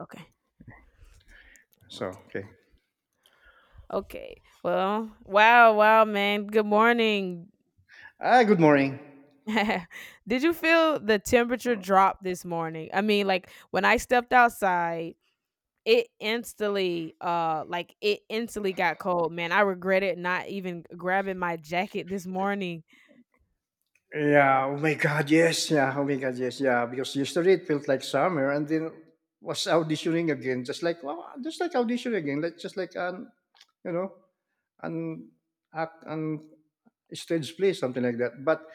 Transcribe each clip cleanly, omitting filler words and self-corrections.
Okay. So, Okay. okay. Okay. Well, wow, wow, man. Good morning. Good morning. Did you feel the temperature drop this morning? I mean, like when I stepped outside, it instantly like it instantly got cold, man. I regretted not even grabbing my jacket this morning. Yeah, oh my God, yes. Yeah, oh my God, yes. Yeah, because yesterday it felt like summer and then was auditioning again, just like, wow, just like auditioning again, like, just like you know, an act, an stage play, something like that.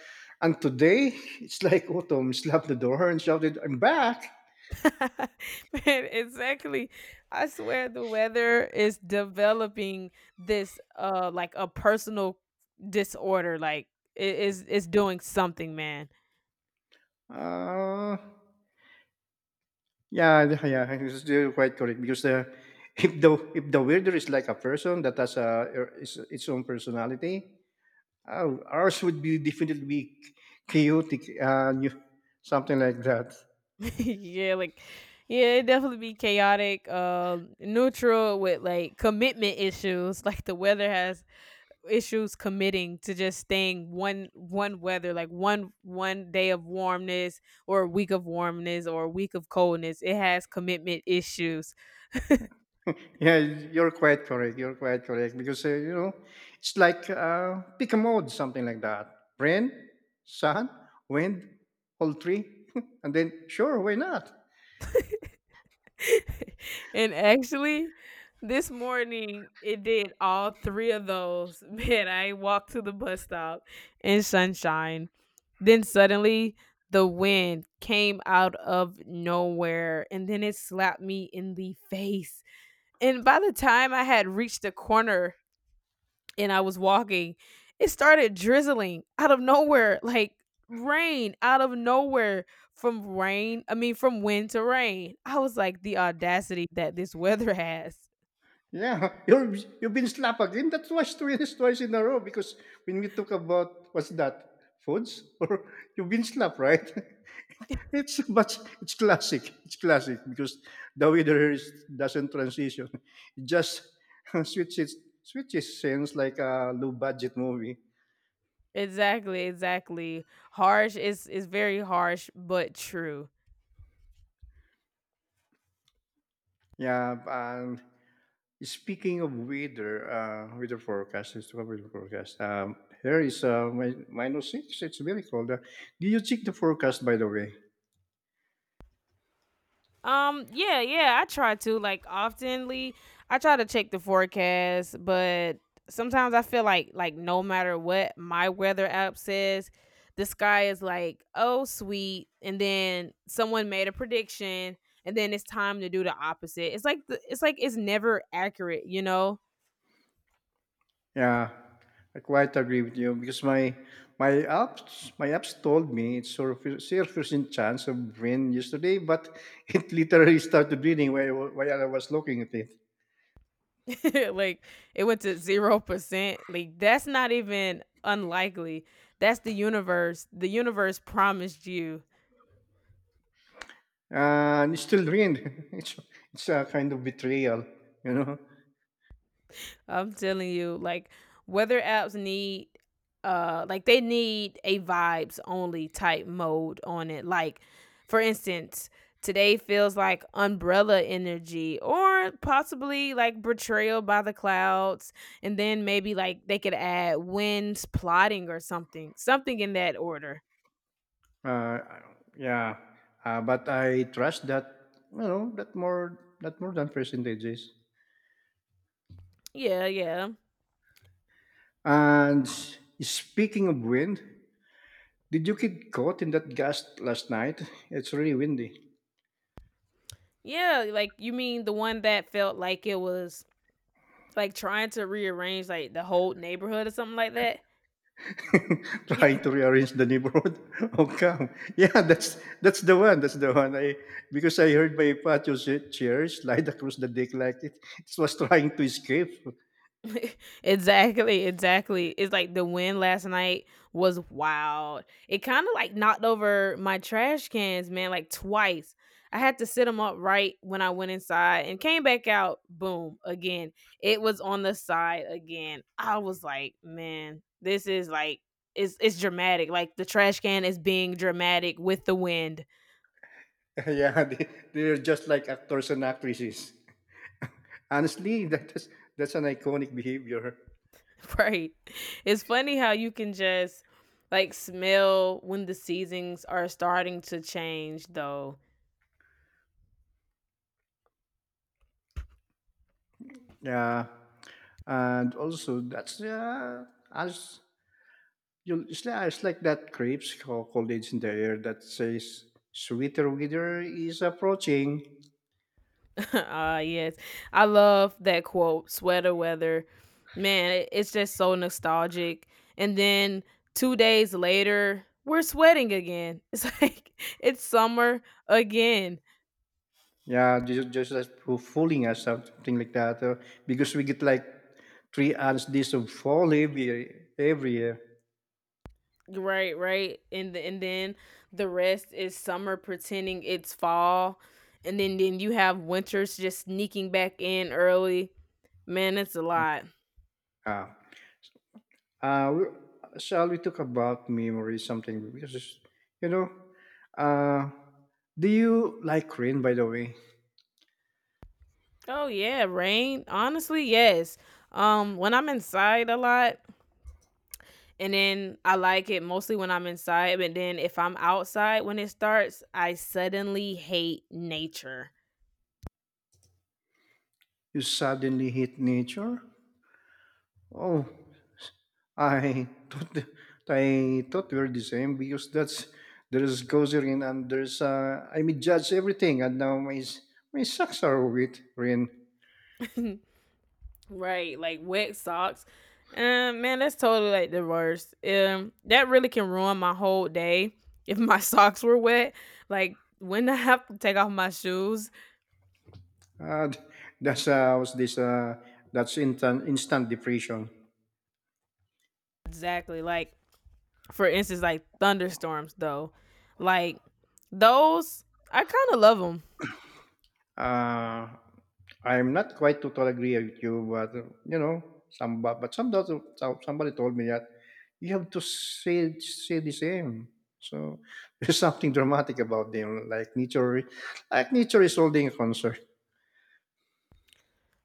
And today, it's like autumn slapped the door and shouted, "I'm back." Man, exactly. I swear the weather is developing this like a personal disorder, like it's doing something, man. Uh, yeah, it's still quite correct because the if the weirder is like a person that has a its own personality, ours would be definitely be chaotic and you, something like that. Yeah, like yeah, it definitely be chaotic, neutral with like commitment issues. Like the weather has issues committing to just staying one weather, like one one day of warmness or a week of warmness or a week of coldness. It has commitment issues. Yeah, you're quite correct. You're quite correct because it's like pick a mode, something like that. Rain, sun, wind, all three, and then sure, why not? And actually, this morning it did all three of those. Man, I walked to the bus stop in sunshine. Then suddenly the wind came out of nowhere and then it slapped me in the face. And by the time I had reached the corner and I was walking, it started drizzling out of nowhere, like rain out of nowhere from rain. I mean, from wind to rain. I was like, the audacity that this weather has. Yeah, you've been slapped again. That was twice, twice in a row because when we talk about what's that foods or you've been slapped, right? it's but it's classic. It's classic because the weather here is, doesn't transition. It just switches switches scenes like a low budget movie. Exactly, exactly. Harsh is very harsh, but true. Yeah, and speaking of weather, weather forecast, let's talk about weather forecast. Here is -6. It's very cold. Do you check the forecast, by the way? Yeah, yeah, I try to like oftenly. I try to check the forecast, but sometimes I feel like no matter what my weather app says, the sky is like, "Oh, sweet." And then someone made a prediction, and then it's time to do the opposite. It's like it's like it's never accurate, Yeah, I quite agree with you because my apps told me it's sort of 0% chance of rain yesterday, but it literally started raining while I was looking at it, Like it went to 0%. Like that's not even unlikely. That's the universe. The universe promised you. and it still rained. It's it's a kind of betrayal, you know. I'm telling you, like weather apps need like they need a vibes only type mode on it. Like for instance, today feels like umbrella energy or possibly like betrayal by the clouds, and then maybe like they could add winds plotting or something. Something in that order. Uh, yeah, but I trust that you know that more than percentages. Yeah, yeah. And speaking of wind, did you get caught in that gust last night? It's really windy. Yeah, like you mean the one that felt like it was like trying to rearrange like the whole neighborhood or something like that? Trying to rearrange the neighborhood. Oh, come! Yeah, that's the one. That's the one. I Because I heard my patio chair slide across the deck like it was trying to escape. Exactly, exactly. It's like the wind last night was wild. It kind of like knocked over my trash cans, man, like twice. I had to sit them up right when I went inside and came back out. Boom, again. It was on the side again. I was like, man, this is like it's dramatic. Like the trash can is being dramatic with the wind. Yeah, they're just like actors and actresses. Honestly, that's an iconic behavior. Right. It's funny how you can just like smell when the seasons are starting to change though. Yeah, and also that's as you it's like that crepes called it's in the air that says sweeter weather is approaching. Ah, yes. I love that quote, sweater weather. Man, it's just so nostalgic. And then 2 days later, we're sweating again. It's like it's summer again. Yeah, just as for fooling us something like that, because we get like 3 ounce this of fall every year. Right, right. And then the rest is summer pretending it's fall. And then you have winters just sneaking back in early. Man, it's a lot. Ah, uh, we- shall we talk about memory something? Because it's- you know, uh, do you like rain, by the way? Oh yeah, rain. Honestly, yes. Um, when I'm inside a lot, and then I like it mostly when I'm inside, but then if I'm outside when it starts, I suddenly hate nature. You suddenly hit nature. Oh, I thought I thought we were the same because that's there is cozy rain and there's I mean judge everything and now my socks are wet rain. Right, like wet socks. Man, that's totally like the worst. That really can ruin my whole day if my socks were wet. Like when I have to take off my shoes. Uh, that's was this that's instant depression. Exactly. Like for instance, like thunderstorms though. Like those, I kind of love them. Uh, I'm not quite totally agree with you, but some but somebody told me that you have to say the same. So there's something dramatic about them, like nature is holding a concert.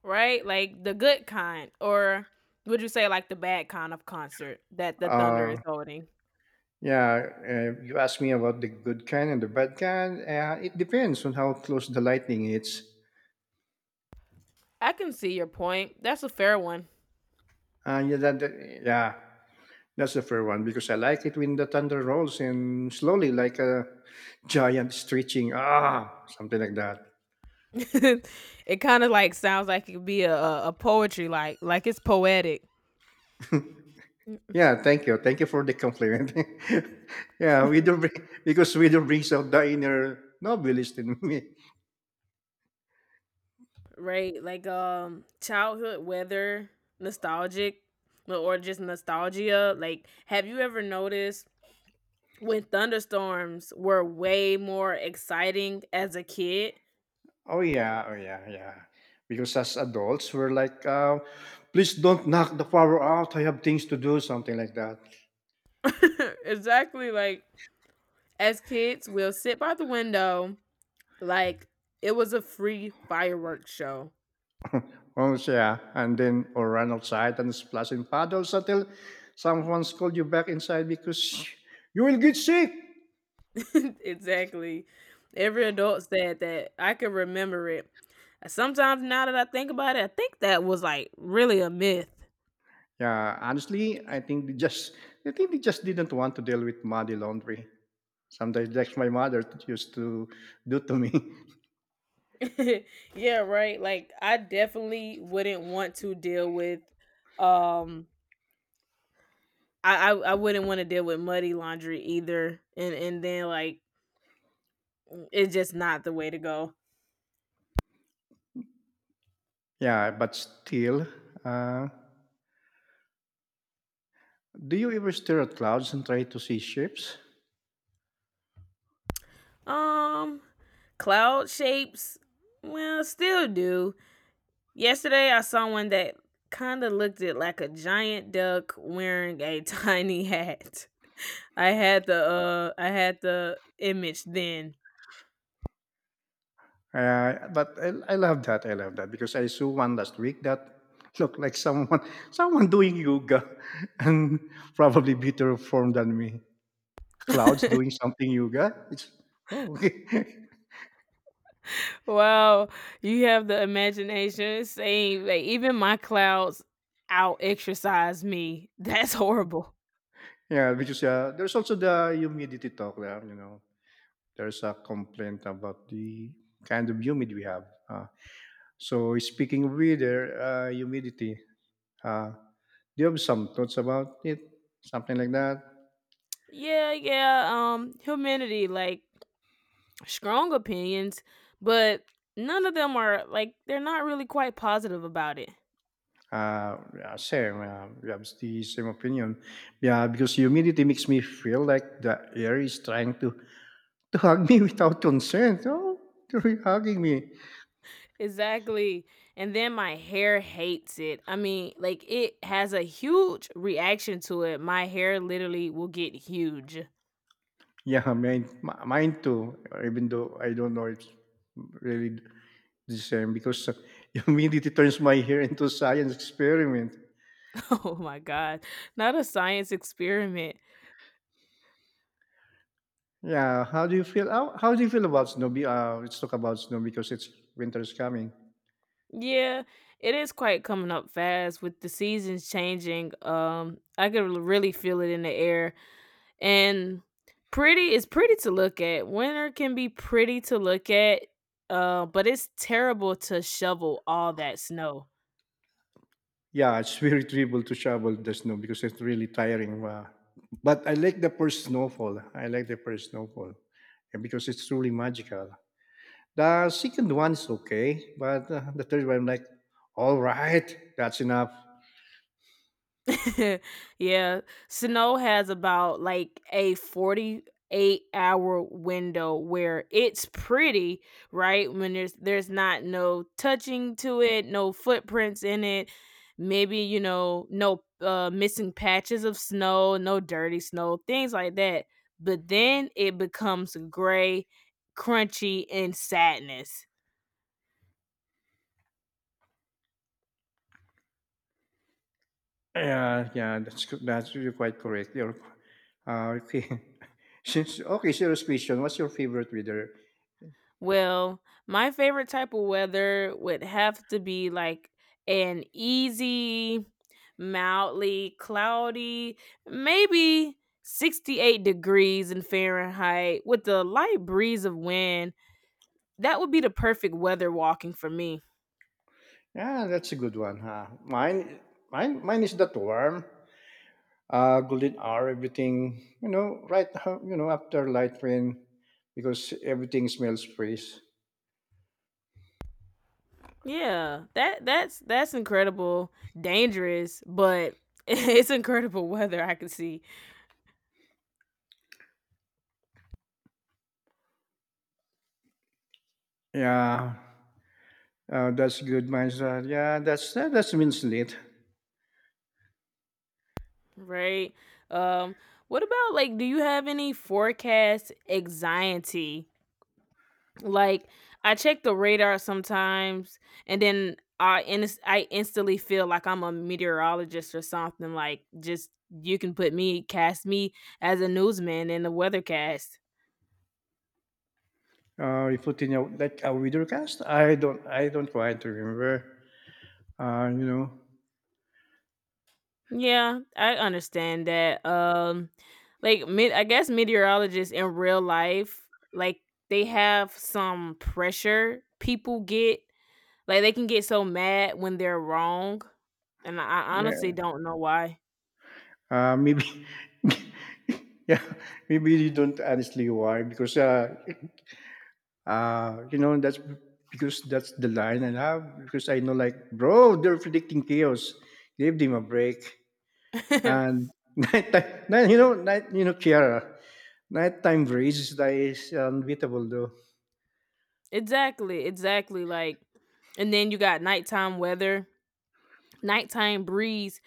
Right, like the good kind, or would you say like the bad kind of concert that the thunder is Uh, holding? yeah, you asked me about the good kind and the bad kind. It depends on how close the lightning is. I can see your point. That's a fair one. Yeah. That's the fair one because I like it when the thunder rolls and slowly, like a giant stretching, ah, something like that. It kind of like sounds like it could be a poetry like it's poetic, Yeah, thank you for the compliment. Yeah, because we do brings out the inner novelist in me. right? Like childhood weather nostalgic, no, or just nostalgia. Like have you ever noticed when thunderstorms were way more exciting as a kid? Oh yeah, oh yeah, yeah. Because as adults, we're like, please don't knock the power out. I have things to do, something like that. Exactly, like as kids we'll sit by the window like it was a free fireworks show. Oh, yeah. And then, or run outside and splash in puddles until someone calls you back inside because you will get sick. Exactly. Every adult said that. I can remember it. Sometimes now that I think about it, I think that was like really a myth. Yeah, honestly, I think they just didn't want to deal with muddy laundry. Sometimes that's my mother used to do to me. Yeah, right. Like I definitely wouldn't want to deal with um I wouldn't want to deal with muddy laundry either. And then like it's just not the way to go. Yeah, but still, uh, do you ever stare at clouds and try to see ships? Um, cloud shapes, well still do. Yesterday, I saw one that kind of looked it like a giant duck wearing a tiny hat. I had the I had the image then. But I love that. I love that because I saw one last week that looked like someone someone doing yoga and probably better form than me. Clouds doing something yoga. It's oh okay. Wow, you have the imagination. Saying like even my clouds out exercise me. That's horrible. Yeah. Because there's also the humidity talk there. There's a complaint about the kind of humid we have. So speaking of weather, humidity. Uh, do you have some thoughts about it? Something like that. Yeah, yeah. Humanity like strong opinions, but none of them are like they're not really quite positive about it. Yeah, same. We have the same opinion. Yeah, because humidity makes me feel like the air is trying to hug me without consent. Oh, they're hugging me. Exactly. And then my hair hates it. I mean, like it has a huge reaction to it. My hair literally will get huge. Yeah, mine too. Even though I don't know it's really the same because humidity turns my hair into a science experiment. Oh my God. Not a science experiment. Yeah, how do you feel? How do you feel about snow? Let's talk about snow because it's winter is coming. Yeah, it is quite coming up fast with the seasons changing. I could really feel it in the air. And pretty is pretty to look at. Winter can be pretty to look at, but it's terrible to shovel all that snow. Yeah, it's very terrible to shovel the snow because it's really tiring. But I like the first snowfall. I like the first snowfall eh, Because it's truly magical. The second one is okay, but the third one, I'm like, all right, that's enough. Yeah, snow has about like a 48-hour window where it's pretty, right? When there's not no touching to it, no footprints in it, maybe you know, no missing patches of snow, no dirty snow, things like that. But then it becomes gray, crunchy and sadness. Yeah, yeah, that's co- that's you're quite correct. You're Okay. Okay, serious question, what's your favorite weather? Well, my favorite type of weather would have to be like an easy, mildly cloudy, maybe 68 degrees in Fahrenheit with a light breeze of wind. That would be the perfect weather walking for me. Yeah, that's a good one. Huh? Mine is the warm, golden hour, everything, right, after light rain, because everything smells fresh. Yeah, that's that's incredible, dangerous, but it's incredible weather I can see, Yeah, that's good, mindset. Yeah, that's means late. right? Um, what about like, do you have any forecast anxiety? Like, I check the radar sometimes, and then I instantly feel like I'm a meteorologist or something. Like, just you can put me, cast me as a newsman in the weathercast. You put in a, like a cast. I don't quite remember. Uh, you know, Yeah, I understand that. Like, I guess meteorologists in real life, like, they have some pressure people get. Like, they can get so mad when they're wrong, and I honestly yeah, don't know why. Maybe, yeah, maybe you don't honestly why because that's because that's the line I have because I know, like, bro, they're predicting chaos. Give them a break. And nighttime, night, you know, Kiara, nighttime breeze that is unbeatable, though. Exactly, exactly. Like, and then you got nighttime weather. Nighttime breeze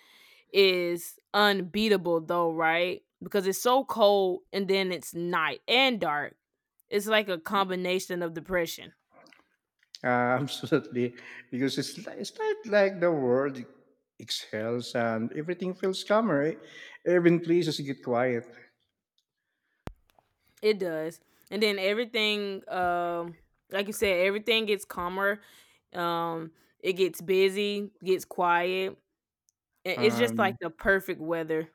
is unbeatable, though, right? Because it's so cold and then it's night and dark. It's like a combination of depression. Absolutely, because it's not like the world exhales and everything feels calmer. Right? Even places get quiet. It does. And then everything, like you said, everything gets calmer. Um, it gets busy, gets quiet. It's just like Um, the perfect weather.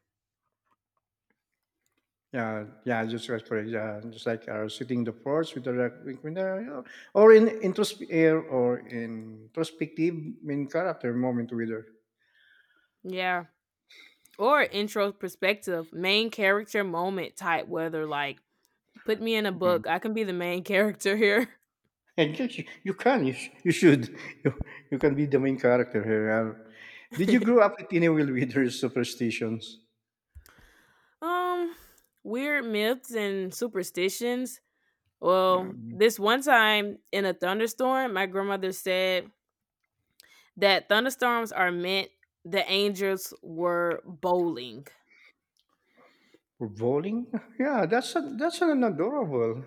Yeah, yeah, just rest for yeah, just like sitting the porch with the recliner, or in introspective or introspective main character moment with her. Yeah. Or intro perspective, main character moment type weather. Like, put me in a Mm. book. I can be the main character here. And yes, you can, you should, you, you can be the main character here. Did you grow up with any Will with her superstitions? Um, weird myths and superstitions. Yeah. Well, this one time in a thunderstorm, my grandmother said that thunderstorms are meant the angels were bowling. For bowling? Yeah, that's an adorable.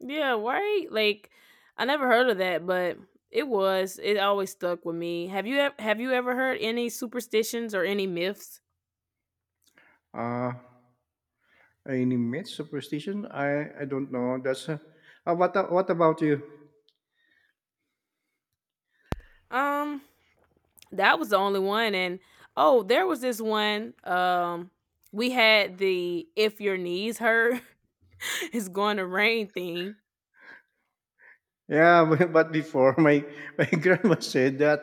Yeah, right? Like I never heard of that, but it was. It always stuck with me. Have you have you ever heard any superstitions or any myths? Uh, any myth superstition? I don't know. That's a, what a- what about you? Um, that was the only one, and oh there was this one we had the if your knees hurt it's going to rain thing. Yeah, but before my my grandma said that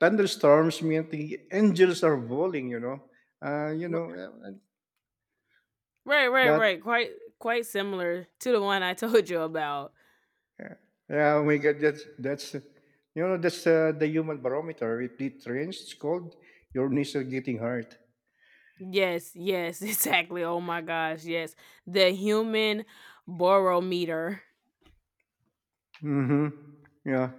thunderstorms mean the angels are bowling. Uh, you R- know, uh, and- right right but right, quite quite similar to the one I told you about. yeah, we my God, that's you know that's the human barometer. If it rains, it's cold. Your knees are getting hurt. Yes, yes, exactly, oh my gosh, yes, the human barometer. Mm-hmm. Yeah,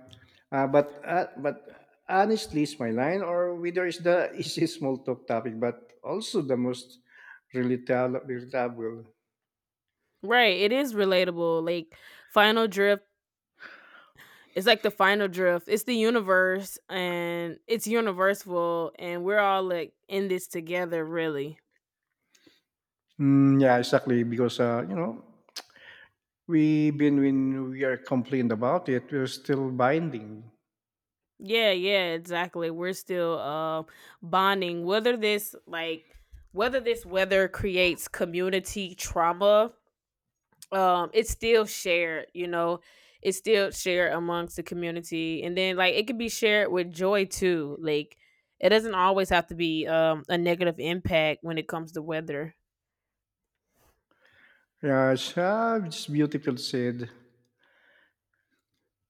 but honestly, it's my line or whether it's the easy small talk topic, but also the most relatable. Right, it is relatable, like final drift it's like the final drift, it's the universe and it's universal and we're all like in this together, really. Mm, yeah, exactly. Because you know. Even when we are complained about it, we're still binding. Yeah, yeah, exactly. We're still bonding. Whether this weather creates community trauma, it's still shared. You know, it's still shared amongst the community, and then like it can be shared with joy too. Like it doesn't always have to be a negative impact when it comes to weather. Raj have just beautiful said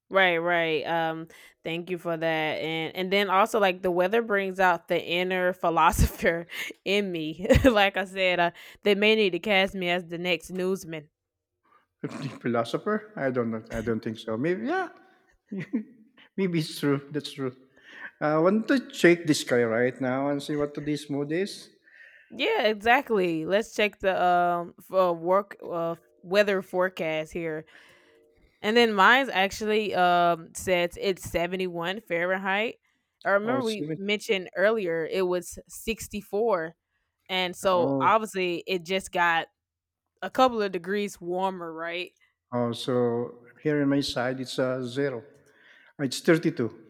Right, right. Thank you for that. And then also like the weather brings out the inner philosopher in me. Like I said, they may need to cast me as the next newsman. the philosopher. I don't know. I don't think so. Maybe yeah. Maybe it's true. That's true. I want to check this guy right now and see what today's mood is. Yeah, exactly. Let's check the for work weather forecast here. And then mine's actually says it's 71 Fahrenheit. I Oh, remember we seven. mentioned earlier it was 64. And so Oh, obviously it just got a couple of degrees warmer, right? oh. So here in my side, it's a zero. It's 32.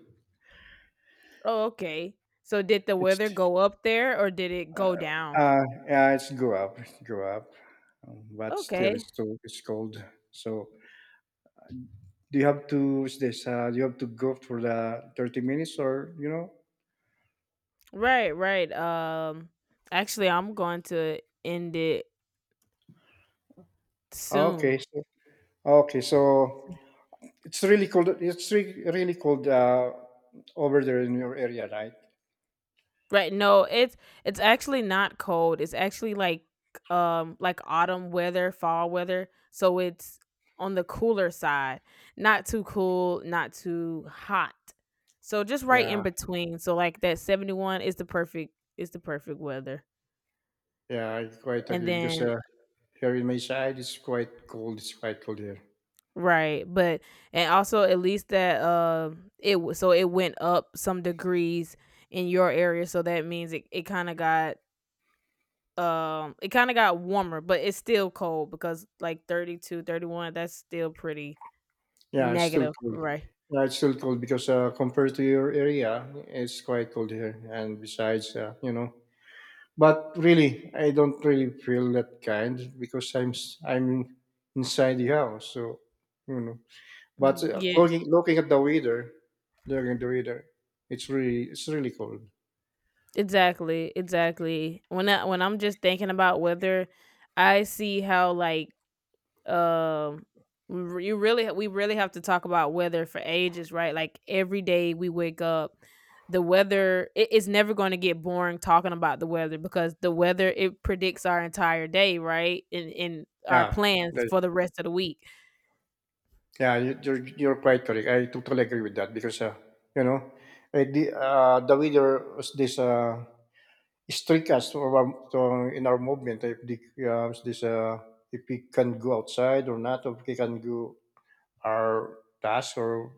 Oh, okay. So did the It's weather go up there or did it go down? uh, yeah. It's go up, but still Okay. It's cold. So do you have to go for the 30 minutes, or Right, right. Um, actually I'm going to end it soon. okay, so, okay so it's really cold, really cold, over there in your area, right? Right. No, it's actually not cold. It's actually like autumn weather, fall weather. So it's on the cooler side. Not too cool, not too hot. So just right in Yeah, between. So like that 71 is the perfect weather. yeah, I quite And agree because then here in my side, it's quite cold here. right, but and also at least that so it went up some degrees in your area, so that means it kind of got it kind of got warmer, but it's still cold because like 32, 31, that's still pretty Yeah, it's still negative, cold. right? Because compared to your area, it's quite cold here. And besides, but really, I don't really feel that kind because I'm inside the house, so you know. But Mm, yeah, looking at the weather, looking at the weather, it's really cold. exactly, exactly. When I'm just thinking about weather, I see how, like, um you really, we really have to talk about weather for ages, right? Like every day we wake up, the weather, it is never going to get boring talking about the weather, because the weather, it predicts our entire day, right, and our Yeah, plans that- for the rest of the week. You're quite correct. I totally agree with that because you know, the weather was this strict us to our, to, in our movement, if the, this if we can go outside or not, if we can do our task or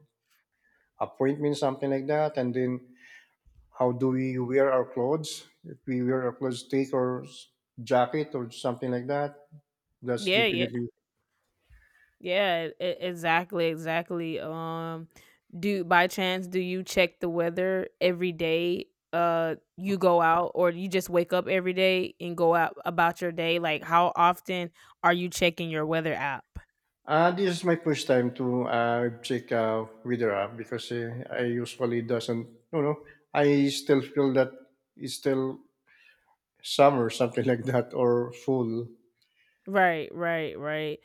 appointment, something like that. And then, how do we wear our clothes? If we wear our clothes, take our jacket or something like that, that's Yeah, yeah. definitely. Yeah, exactly, exactly. Do, by chance, do you check the weather every day? You go out, or you just wake up every day and go out about your day? Like, how often are you checking your weather app? This is my first time to check weather app because I usually doesn't, you know, I still feel that it's still summer, something like that, or full. Right, right, right.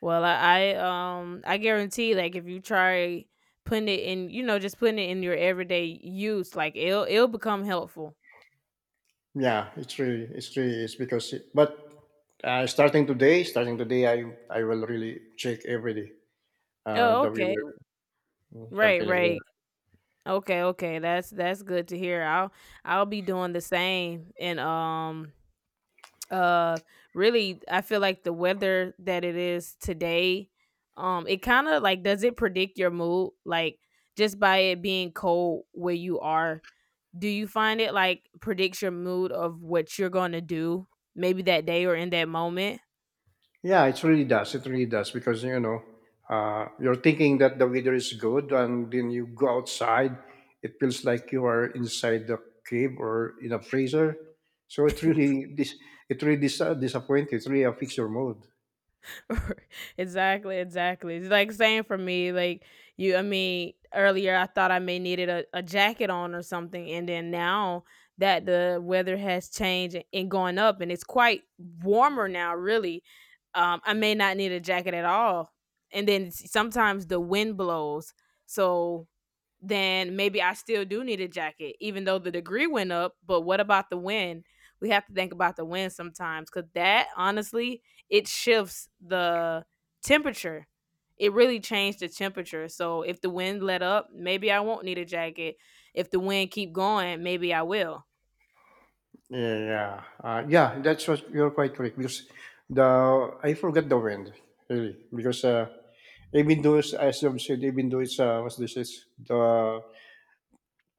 Well, I I guarantee, like, if you try putting it in, you know, just putting it in your everyday use, like, it'll become helpful. Yeah, it's really is because, but starting today, I will really check every day, Oh, the okay. weather, Right, something like that. right. Okay, okay. That's good to hear. I'll be doing the same, and uh really, I feel like the weather that it is today, it kind of, like, does it predict your mood? Like, just by it being cold where you are, do you find it, like, predicts your mood of what you're going to do maybe that day or in that moment? Yeah, it really does. It really does because you're thinking that the weather is good, and then you go outside, it feels like you are inside the cave or in a freezer. So it really it really disappoints. It really affects your mood. Exactly, exactly. It's like same for me. Like, you, earlier I thought I may needed a jacket on or something, and then now that the weather has changed and gone up, and it's quite warmer now. Really, I may not need a jacket at all. And then sometimes the wind blows, so then maybe I still do need a jacket, even though the degree went up. But what about the wind? We have to think about the wind sometimes, because that, honestly, it shifts the temperature. It really changed the temperature. So if the wind let up, maybe I won't need a jacket. If the wind keep going, maybe I will. Yeah, that's what you're quite correct because the I forgot the wind really because even though as you said, even though it's what's this is the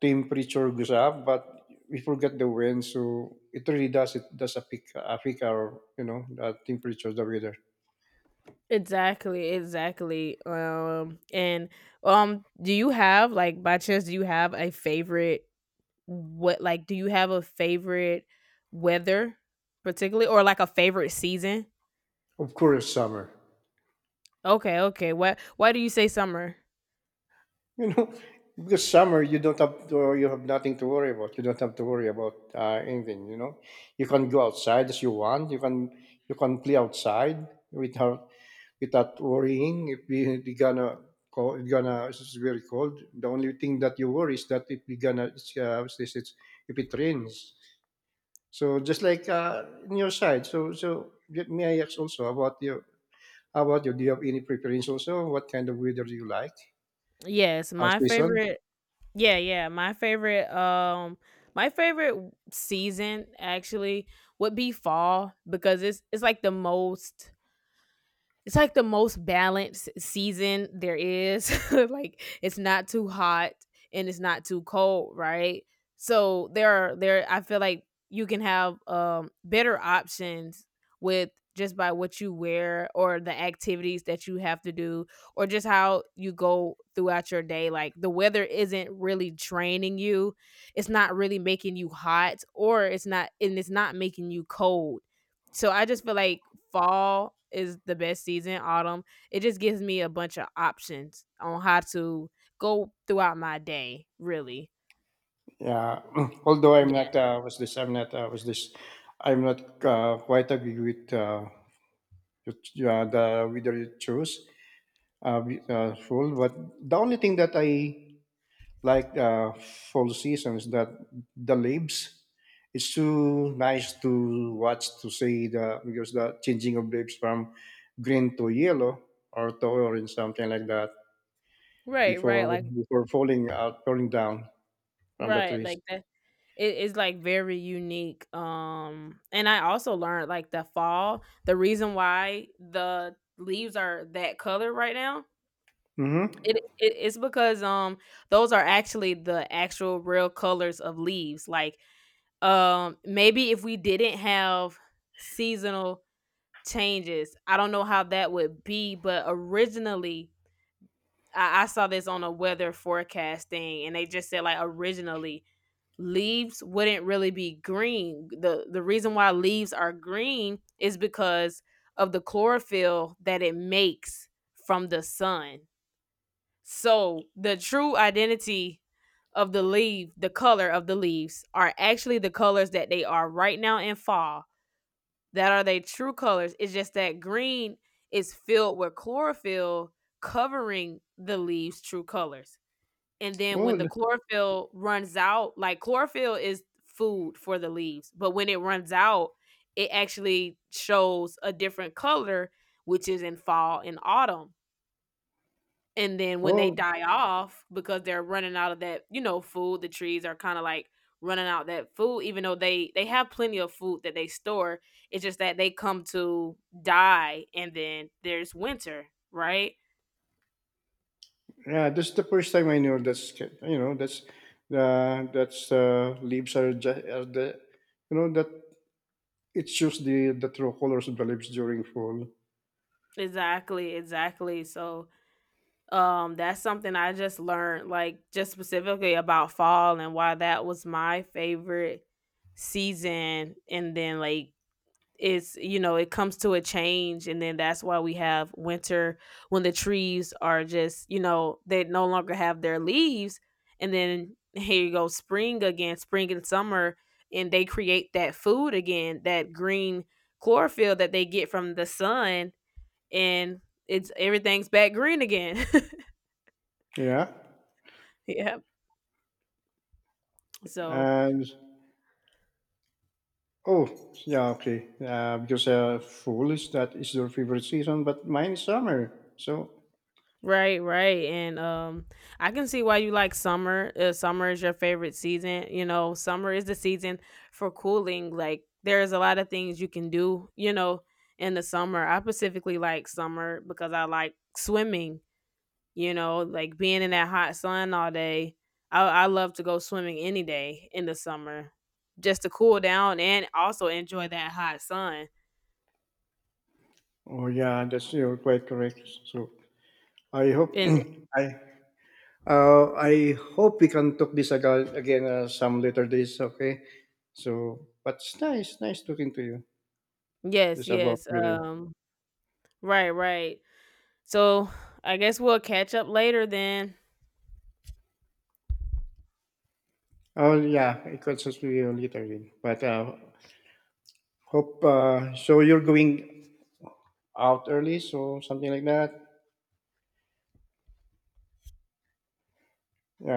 temperature goes up, but we forget the wind, so it really does affect our the temperature, the weather. Exactly, exactly. And do you have, like, by chance, do you have a favorite, what, like, do you have a favorite weather particularly, or like a favorite season? Of course, summer. Okay, okay. What, why do you say summer? You know, because summer you don't have to, you have nothing to worry about. You don't have to worry about anything. You know, you can go outside as you want. You can play outside without worrying if we are gonna cold, gonna it's very cold. The only thing that you worry is that if we gonna it's, if it rains. So just like in your side, so may I ask also about your how about you? Do you have any preference also? What kind of weather do you like? Yes, my Season? favorite. Yeah, yeah. My favorite, my favorite season, actually, would be fall, because it's like the most, it's like the most balanced season there is. Like, it's not too hot and it's not too cold, right? So there are, there, I feel like you can have, um, better options with, just by what you wear or the activities that you have to do, or just how you go throughout your day. Like, the weather isn't really draining you, it's not really making you hot, or it's not, and it's not making you cold. So I just feel like fall is the best season, autumn. It just gives me a bunch of options on how to go throughout my day, really. Yeah. Although I'm Yeah. not was this I'm not was this I'm not quite agree with, the weather you choose with, full. But the only thing that I like fall seasons, that the leaves it's too nice to watch to see, the because the changing of leaves from green to yellow, or to orange, something like that, Right, right, before like, falling out, falling down from the right, trees. like that. It is, like, very unique. And I also learned, like, the fall, the reason why the leaves are that color right now, Mm-hmm. It's because, um, those are actually the actual real colors of leaves. Like, um, maybe if we didn't have seasonal changes. I don't know how that would be, but originally, I saw this on a weather forecast thing, and they just said, like, originally leaves wouldn't really be green. The reason why leaves are green is because of the chlorophyll that it makes from the sun. So the true identity of the leaf, the color of the leaves, are actually the colors that they are right now in fall, that are their true colors. It's just that green is filled with chlorophyll covering the leaves' true colors. And then oh when the th- chlorophyll runs out, like, chlorophyll is food for the leaves, but when it runs out, it actually shows a different color, which is in fall and autumn. And then when they oh die off because they're running out of that, you know, food, the trees are kind of like running out that food, even though they have plenty of food that they store. It's just that they come to die, and then there's winter, right? yeah, this is the first time I knew that's that's leaves are the that it shows the true colors of the leaves during fall. Exactly, exactly. So, um, that's something I just learned, like, just specifically about fall and why that was my favorite season. And then, like, it's, you know, it comes to a change, and then that's why we have winter, when the trees are just, you know, they no longer have their leaves, and then here you go, spring again, spring and summer, and they create that food again, that green chlorophyll that they get from the sun, and it's, everything's back green again. Yeah, Yeah. So, and oh, yeah, okay. Because fall is that is your favorite season, but mine is summer. So, right, right. And, um, I can see why you like summer. Summer is your favorite season, you know. Summer is the season for cooling. Like, there's a lot of things you can do, you know, in the summer. I specifically like summer because I like swimming, you know, like being in that hot sun all day. I love to go swimming any day in the summer just to cool down and also enjoy that hot sun. oh yeah, that's you're quite correct. So, I hope And I I hope we can talk this again, some later days. Okay. So, but it's nice, nice talking to you. yes, It's about yes. weather. Um, right, right. So I guess we'll catch up later then. Oh yeah, it could just be later then. But hope so. You're going out early, so something like that.